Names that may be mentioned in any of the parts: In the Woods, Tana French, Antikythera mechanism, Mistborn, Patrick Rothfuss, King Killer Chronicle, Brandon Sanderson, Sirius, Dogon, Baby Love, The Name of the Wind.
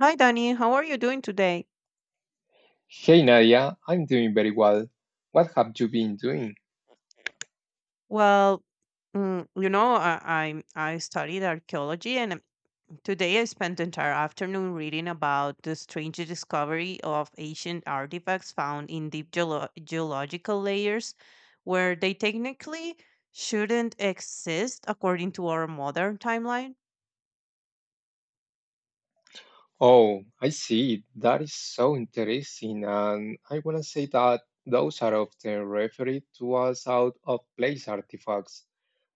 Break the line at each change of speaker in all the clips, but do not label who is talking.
Hi, Danny. How are you doing today?
Hey Nadia, I'm doing very well. What have you been doing?
Well, I studied archaeology, and today I spent the entire afternoon reading about the strange discovery of ancient artifacts found in deep geological layers, where they technically shouldn't exist according to our modern timeline.
Oh, I see. That is so interesting. And I want to say that those are often referred to as out of place artifacts.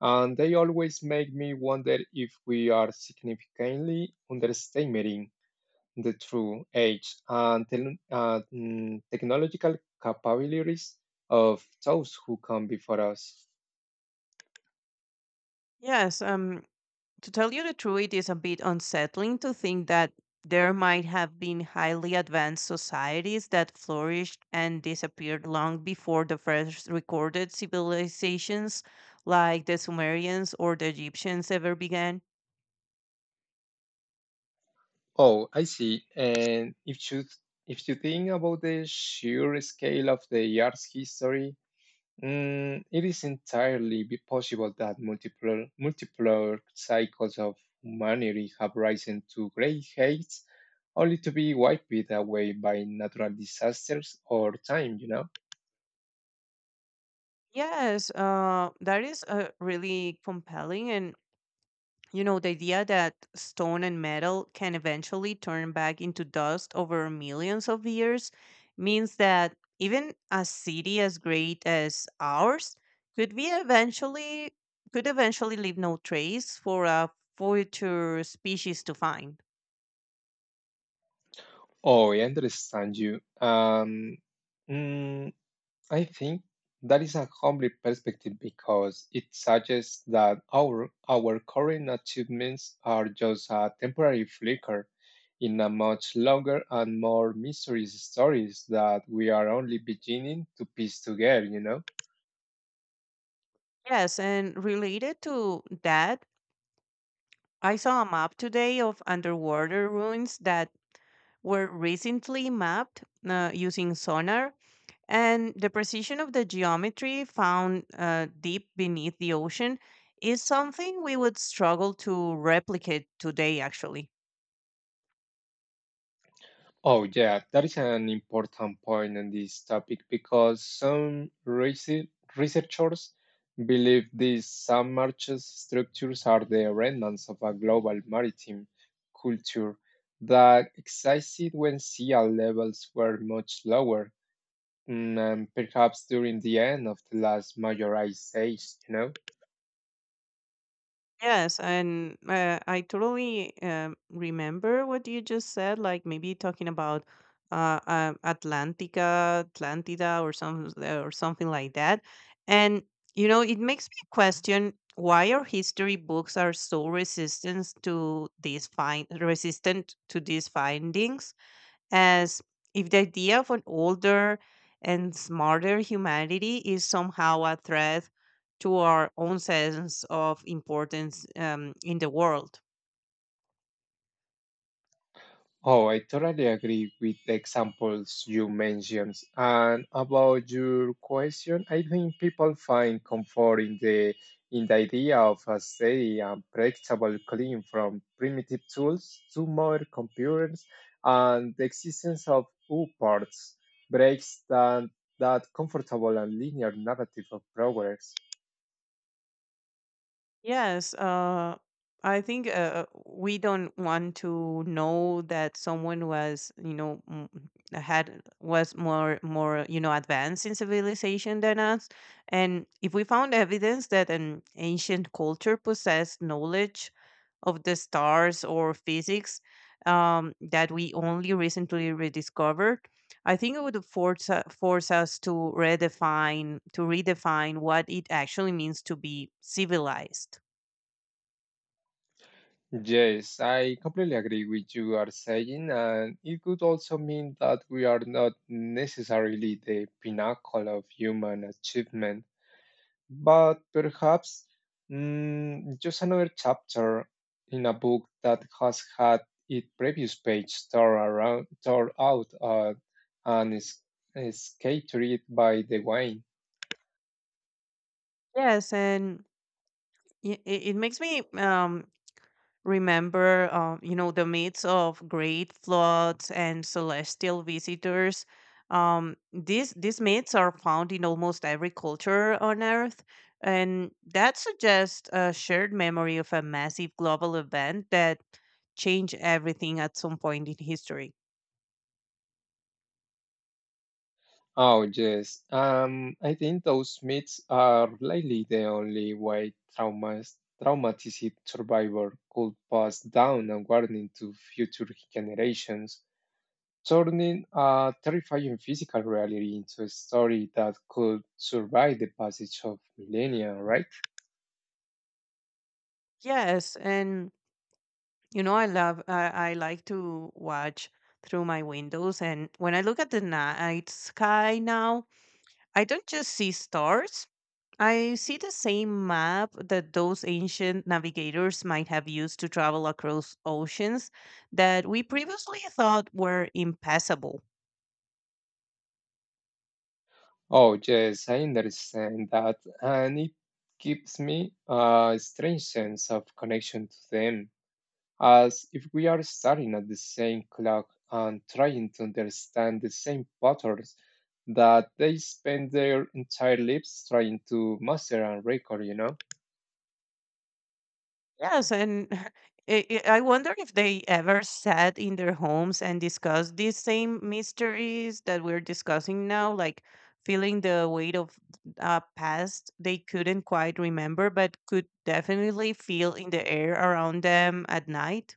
And they always make me wonder if we are significantly underestimating the true age and technological capabilities of those who come before us.
Yes, to tell you the truth, it is a bit unsettling to think that there might have been highly advanced societies that flourished and disappeared long before the first recorded civilizations like the Sumerians or the Egyptians ever began.
Oh, I see. And if you think about the sheer scale of the art's history, it is entirely be possible that multiple cycles of humanity have risen to great heights, only to be wiped away by natural disasters or time.
Yes, that is really compelling, and. You know, the idea that stone and metal can eventually turn back into dust over millions of years means that even a city as great as ours could be eventually could eventually leave no trace for a future species to find.
Oh, I understand you. Mm, I think that is a humbling perspective because it suggests that our current achievements are just a temporary flicker in a much longer and more mysterious stories that we are only beginning to piece together, you know?
Yes, and related to that, I saw a map today of underwater ruins that were recently mapped using sonar. And the precision of the geometry found deep beneath the ocean is something we would struggle to replicate today, actually.
Oh, yeah, that is an important point in this topic because researchers believe these submerged structures are the remnants of a global maritime culture that existed when sea levels were much lower, and perhaps during the end of the last major ice age, you know?
Yes, and I totally remember what you just said, like maybe talking about Atlantica, Atlantida, or something like that. And you know, it makes me question why our history books are so resistant to these find resistant to these findings, as if the idea of an older and smarter humanity is somehow a threat to our own sense of importance in the world.
Oh, I totally agree with the examples you mentioned. And about your question, I think people find comfort in the idea of a steady and predictable clean from primitive tools to modern computers and the existence of U parts breaks that comfortable and linear narrative of progress.
Yes, I think we don't want to know that someone was, you know, m- had was more more, you know, advanced in civilization than us, and if we found evidence that an ancient culture possessed knowledge of the stars or physics that we only recently rediscovered, I think it would force us to redefine what it actually means to be civilized.
Yes, I completely agree with you are saying, and it could also mean that we are not necessarily the pinnacle of human achievement, but perhaps just another chapter in a book that has had its previous page torn out and is scattered by the wind.
Yes, and it makes me remember, the myths of great floods and celestial visitors. These myths are found in almost every culture on Earth, and that suggests a shared memory of a massive global event that changed everything at some point in history.
Oh, yes. I think those myths are likely the only way traumatic survivor could pass down a warning to future generations. Turning a terrifying physical reality into a story that could survive the passage of millennia, right?
Yes, and you know, I love, I like to watch through my windows. And when I look at the night sky now, I don't just see stars. I see the same map that those ancient navigators might have used to travel across oceans that we previously thought were impassable.
Oh, yes, I understand that, and it gives me a strange sense of connection to them, as if we are starting at the same clock and trying to understand the same patterns that they spend their entire lives trying to master and record, you know?
Yes, and I wonder if they ever sat in their homes and discussed these same mysteries that we're discussing now, like feeling the weight of past they couldn't quite remember, but could definitely feel in the air around them at night.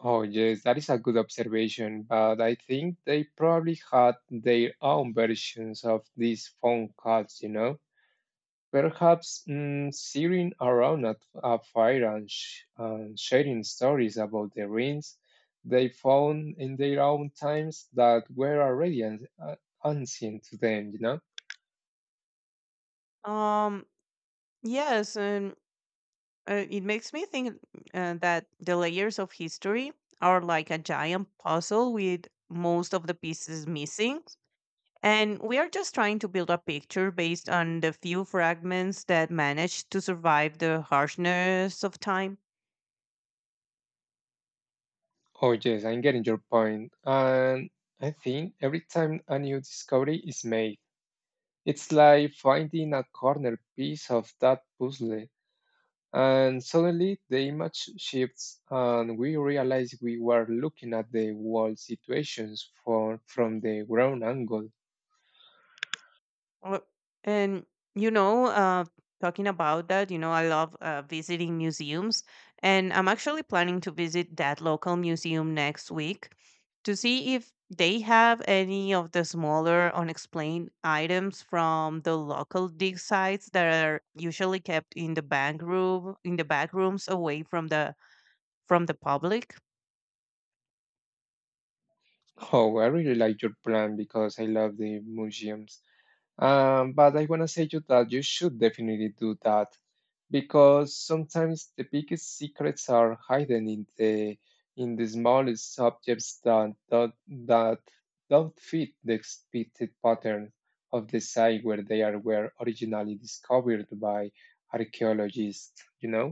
Oh, yes, that is a good observation, but I think they probably had their own versions of these phone calls, you know? Perhaps sitting around at a fire and and sharing stories about the rings they found in their own times that were already unseen to them, you know?
Um, yes, and it makes me think that the layers of history are like a giant puzzle with most of the pieces missing. And we are just trying to build a picture based on the few fragments that managed to survive the harshness of time.
Oh, yes, I'm getting your point. And I think every time a new discovery is made, it's like finding a corner piece of that puzzle, and suddenly the image shifts, and we realize we were looking at the world situations from the ground angle.
Uh, And, you know, uh, Talking about that, you know, I love visiting museums. And I'm actually planning to visit that local museum next week to see if they have any of the smaller unexplained items from the local dig sites that are usually kept in the back rooms away from the— from the public.
Oh, I really like your plan because I love the museums. But I want to say you that you should definitely do that because sometimes the biggest secrets are hidden in the smallest objects that that don't fit the expected pattern of the site where they are were originally discovered by archaeologists, you know?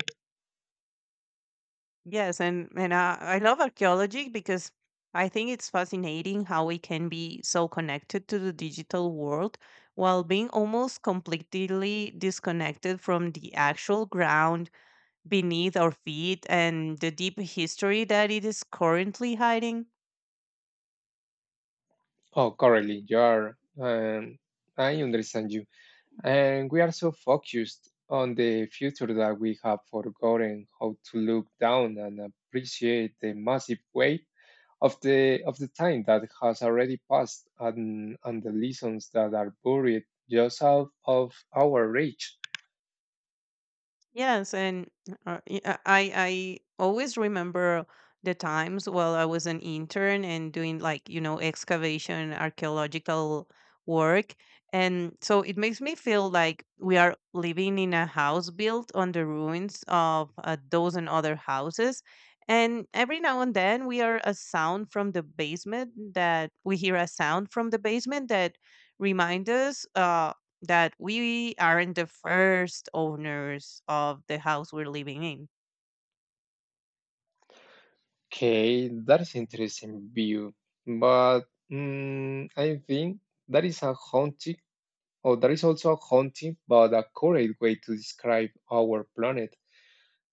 Yes, and I love archaeology because I think it's fascinating how we can be so connected to the digital world while being almost completely disconnected from the actual ground beneath our feet and the deep history that it is currently hiding.
Oh, currently, you are. I understand you. And we are so focused on the future that we have forgotten how to look down and appreciate the massive weight of the time that has already passed and the lessons that are buried just out of our reach.
Yes, and I always remember the times while I was an intern and doing, like, you know, excavation archaeological work, and so it makes me feel like we are living in a house built on the ruins of those and other houses. And every now and then we hear a sound from the basement that remind us. That we aren't the first owners of the house we're living in.
Okay, that is interesting view, but I think that is a haunting, or that is also a haunting, but a correct way to describe our planet,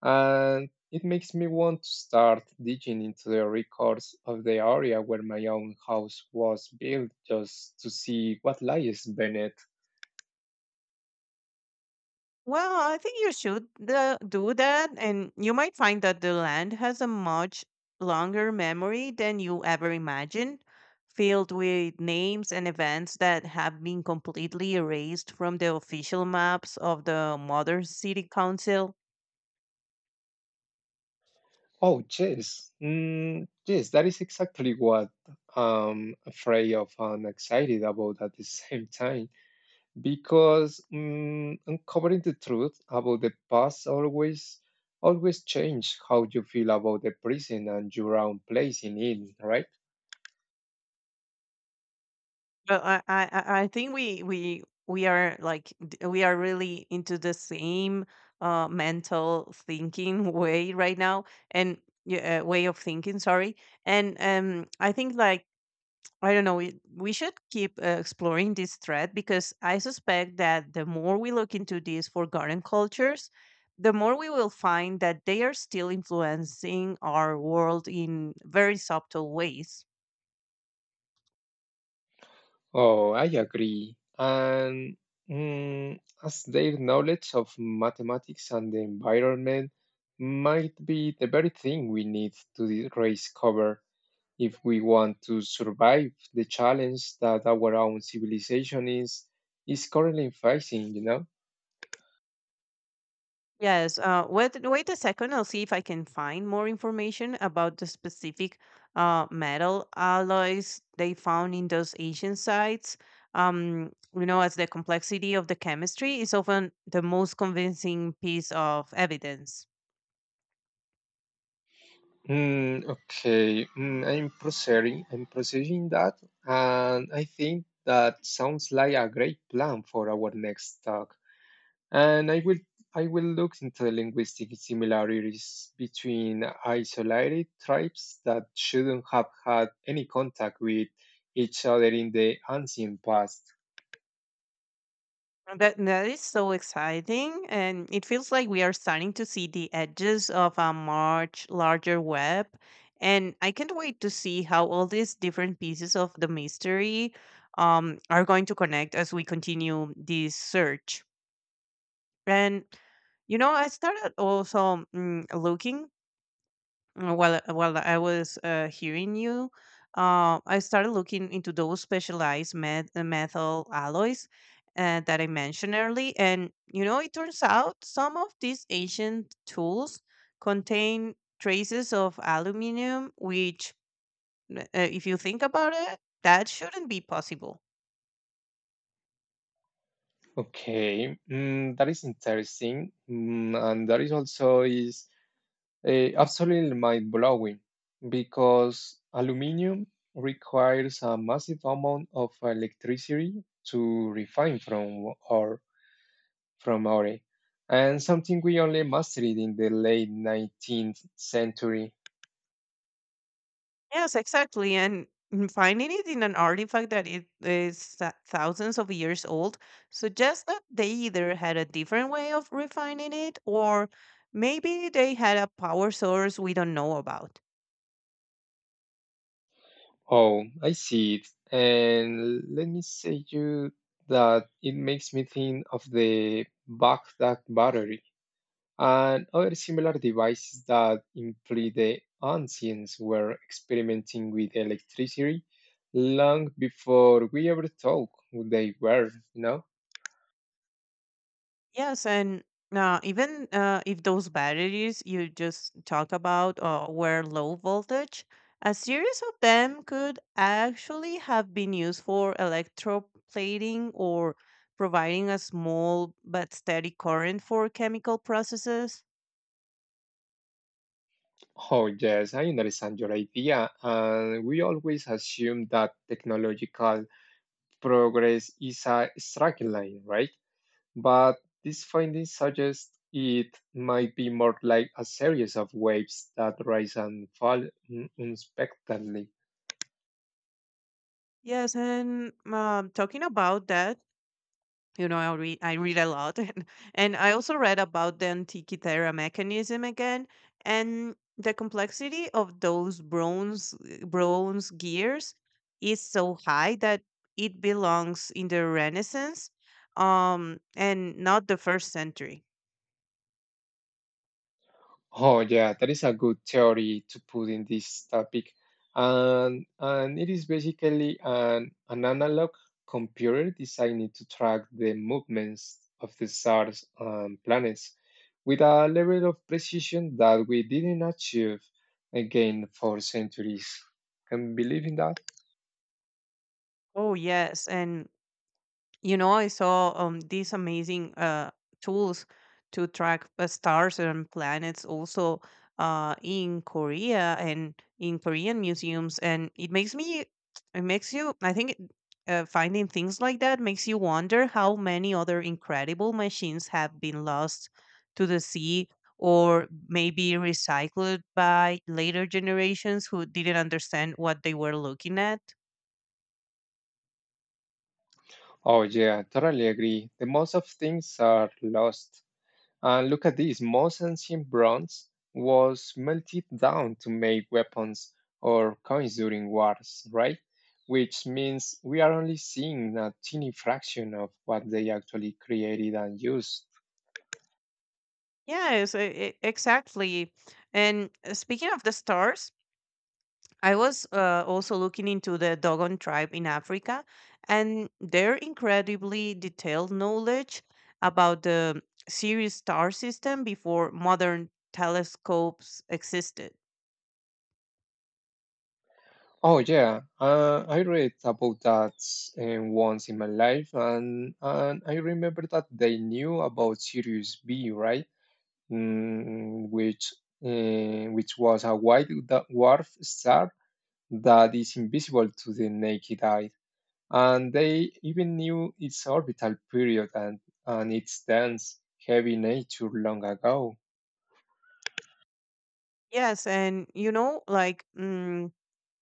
and it makes me want to start digging into the records of the area where my own house was built just to see what lies beneath.
Well, I think you should do that, and you might find that the land has a much longer memory than you ever imagined, filled with names and events that have been completely erased from the official maps of the modern city council.
Oh, yes. Yes, that is exactly what I'm afraid of and excited about at the same time because uncovering the truth about the past always changes how you feel about the prison and your own place in it, right?
Well, I think we are like we are really into the same mental thinking way right now, and yeah, way of thinking. Sorry, and I think, like, I don't know. We should keep exploring this thread, because I suspect that the more we look into these forgotten cultures, the more we will find that they are still influencing our world in very subtle ways.
Oh, I agree. And as their knowledge of mathematics and the environment might be the very thing we need to the raise cover if we want to survive the challenge that our own civilization is currently facing, you know?
Yes. Wait a second. I'll see if I can find more information about the specific metal alloys they found in those Asian sites. You know, as the complexity of the chemistry is often the most convincing piece of evidence.
Okay, I'm processing that, and I think that sounds like a great plan for our next talk. And I will look into the linguistic similarities between isolated tribes that shouldn't have had any contact with each other in the ancient past.
And that is so exciting, and it feels like we are starting to see the edges of a much larger web. And I can't wait to see how all these different pieces of the mystery are going to connect as we continue this search. And you know, I started also looking— while I was hearing you, I started looking into those specialized metal alloys that I mentioned early, and you know, it turns out some of these ancient tools contain traces of aluminum, which, if you think about it, that shouldn't be possible.
Okay, that is interesting, and that is also absolutely mind blowing because aluminium requires a massive amount of electricity to refine from Ore, and something we only mastered in the late 19th century.
Yes, exactly. And finding it in an artifact that it is thousands of years old suggests that they either had a different way of refining it, or maybe they had a power source we don't know about.
Oh, I see it. And let me say you that it makes me think of the Baghdad battery and other similar devices that imply the ancients were experimenting with electricity long before we ever thought they were, you know?
Yes, and even if those batteries you just talk about were low voltage, a series of them could actually have been used for electroplating or providing a small but steady current for chemical processes.
Oh, yes, I understand your idea. And we always assume that technological progress is a straight line, right? But this finding suggests it might be more like a series of waves that rise and fall unexpectedly.
Yes, and talking about that, you know, I read a lot, and I also read about the Antikythera mechanism again, and the complexity of those bronze gears is so high that it belongs in the Renaissance, and not the first century.
Oh yeah, that is a good theory to put in this topic. And it is basically an analog computer designed to track the movements of the stars and planets with a level of precision that we didn't achieve again for centuries. Can you believe in that?
Oh yes, and you know, I saw these amazing tools to track stars and planets also in Korea and in Korean museums, and it makes you, I think, finding things like that makes you wonder how many other incredible machines have been lost to the sea or maybe recycled by later generations who didn't understand what they were looking at.
Oh yeah, totally agree. The most of things are lost. And look at this, most ancient bronze was melted down to make weapons or coins during wars, right? Which means we are only seeing a teeny fraction of what they actually created and used.
Yes, exactly. And speaking of the stars, I was also looking into the Dogon tribe in Africa and their incredibly detailed knowledge about the Sirius star system before modern telescopes existed.
Oh yeah, I read about that once in my life, and I remember that they knew about Sirius B, right? Mm, which which was a dwarf star that is invisible to the naked eye, and they even knew its orbital period and its dense, heavy nature long ago.
Yes, and you know, like,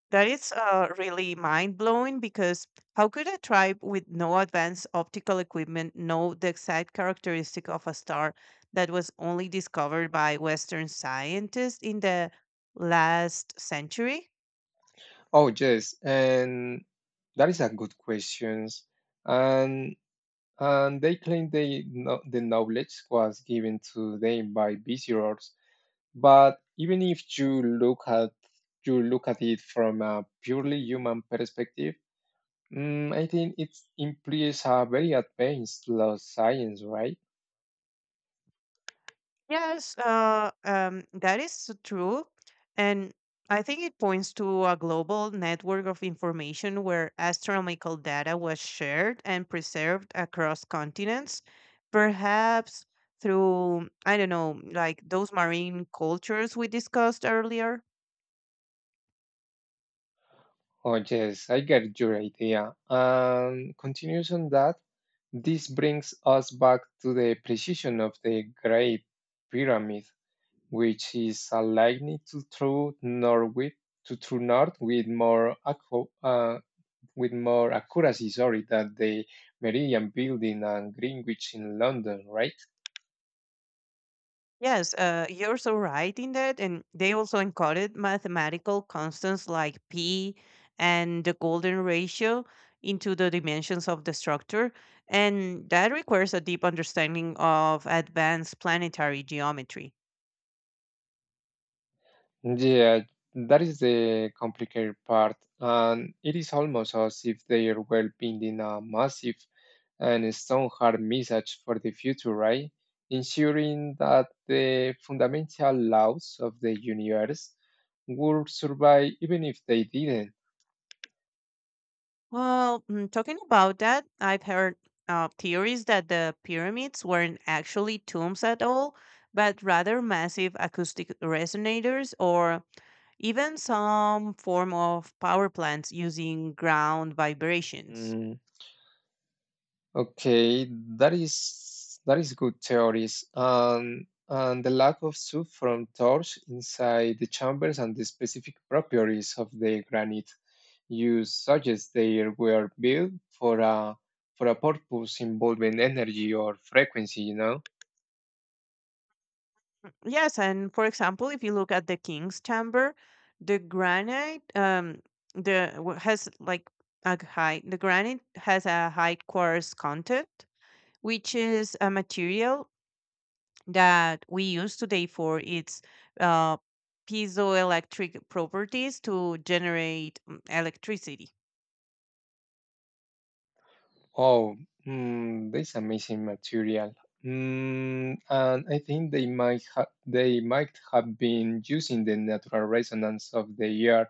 that is really mind blowing, because how could a tribe with no advanced optical equipment know the exact characteristic of a star that was only discovered by Western scientists in the last century?
Oh yes, and that is a good question. And and they claim they know, the knowledge was given to them by visitors, but even if you look at it from a purely human perspective, I think it implies a very advanced law science, right?
Yes, that is true. And I think it points to a global network of information where astronomical data was shared and preserved across continents, perhaps through, I don't know, like those marine cultures we discussed earlier.
Oh, yes, I get your idea. And continues on that, this brings us back to the precision of the Great Pyramid, which is aligned to true north with with more accuracy, sorry, than the Meridian Building and Greenwich in London, right?
Yes, you're so right in that. And they also encoded mathematical constants like p and the golden ratio into the dimensions of the structure. And that requires a deep understanding of advanced planetary geometry.
Yeah, that is the complicated part, and it is almost as if they are well pending a massive and stone hard message for the future, right? Ensuring that the fundamental laws of the universe would survive even if they didn't.
Well, talking about that, I've heard theories that the pyramids weren't actually tombs at all, but rather massive acoustic resonators or even some form of power plants using ground vibrations.
Okay, that is good theories. And the lack of soup from torch inside the chambers and the specific properties of the granite you suggest they were built for a purpose involving energy or frequency, you know?
Yes, and for example, if you look at the King's Chamber, the granite the w- has like the granite has a high quartz content, which is a material that we use today for its uh, piezoelectric properties to generate electricity.
Oh, this amazing material. And I think they might have been using the natural resonance of the earth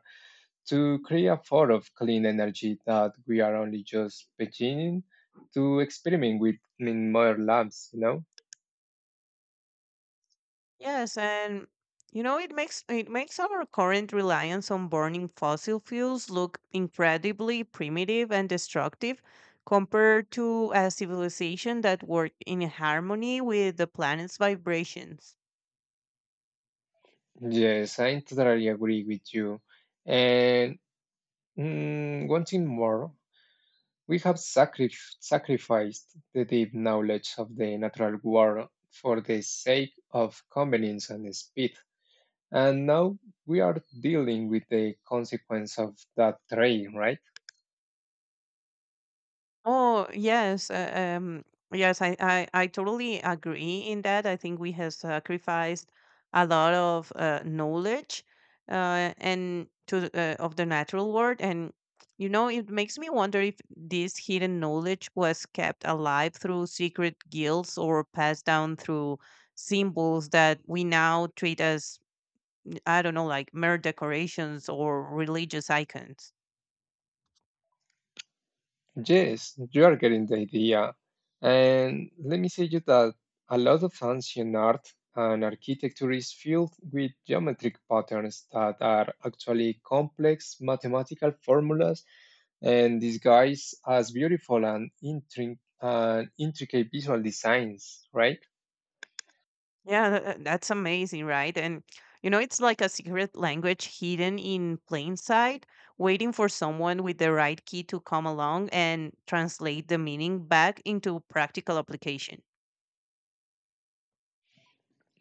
to create a form of clean energy that we are only just beginning to experiment with in more labs, you know?
Yes, and you know, it makes our current reliance on burning fossil fuels look incredibly primitive and destructive compared to a civilization that worked in harmony with the planet's vibrations.
Yes, I totally agree with you. And one thing more, we have sacrificed the deep knowledge of the natural world for the sake of convenience and speed. And now we are dealing with the consequence of that trade, right?
Oh, yes. Yes, I totally agree in that. I think we have sacrificed a lot of knowledge of the natural world. And, you know, it makes me wonder if this hidden knowledge was kept alive through secret guilds or passed down through symbols that we now treat as, I don't know, like mere decorations or religious icons.
Yes, you are getting the idea. And let me say you that a lot of ancient art and architecture is filled with geometric patterns that are actually complex mathematical formulas and disguised as beautiful and intricate visual designs, right?
Yeah, that's amazing, right? And you know, it's like a secret language hidden in plain sight, waiting for someone with the right key to come along and translate the meaning back into practical application.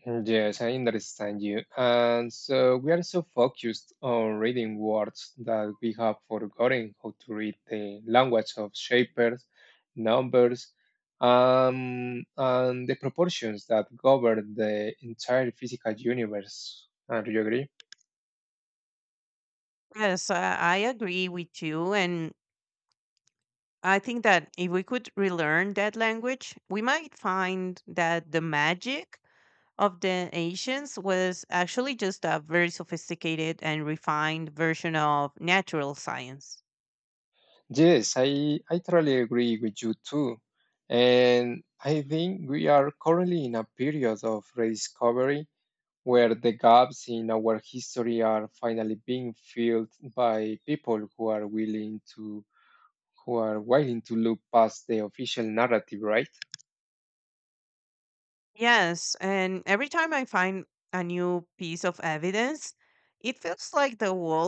Yes, I understand you. And so we are so focused on reading words that we have forgotten how to read the language of shapers, numbers, and the proportions that govern the entire physical universe. Do you agree?
Yes, I agree with you. And I think that if we could relearn that language, we might find that the magic of the ancients was actually just a very sophisticated and refined version of natural science.
Yes, I totally agree with you too. And I think we are currently in a period of rediscovery where the gaps in our history are finally being filled by people who are willing to who are willing to look past the official narrative, right?
Yes, and every time I find a new piece of evidence, it feels like the walls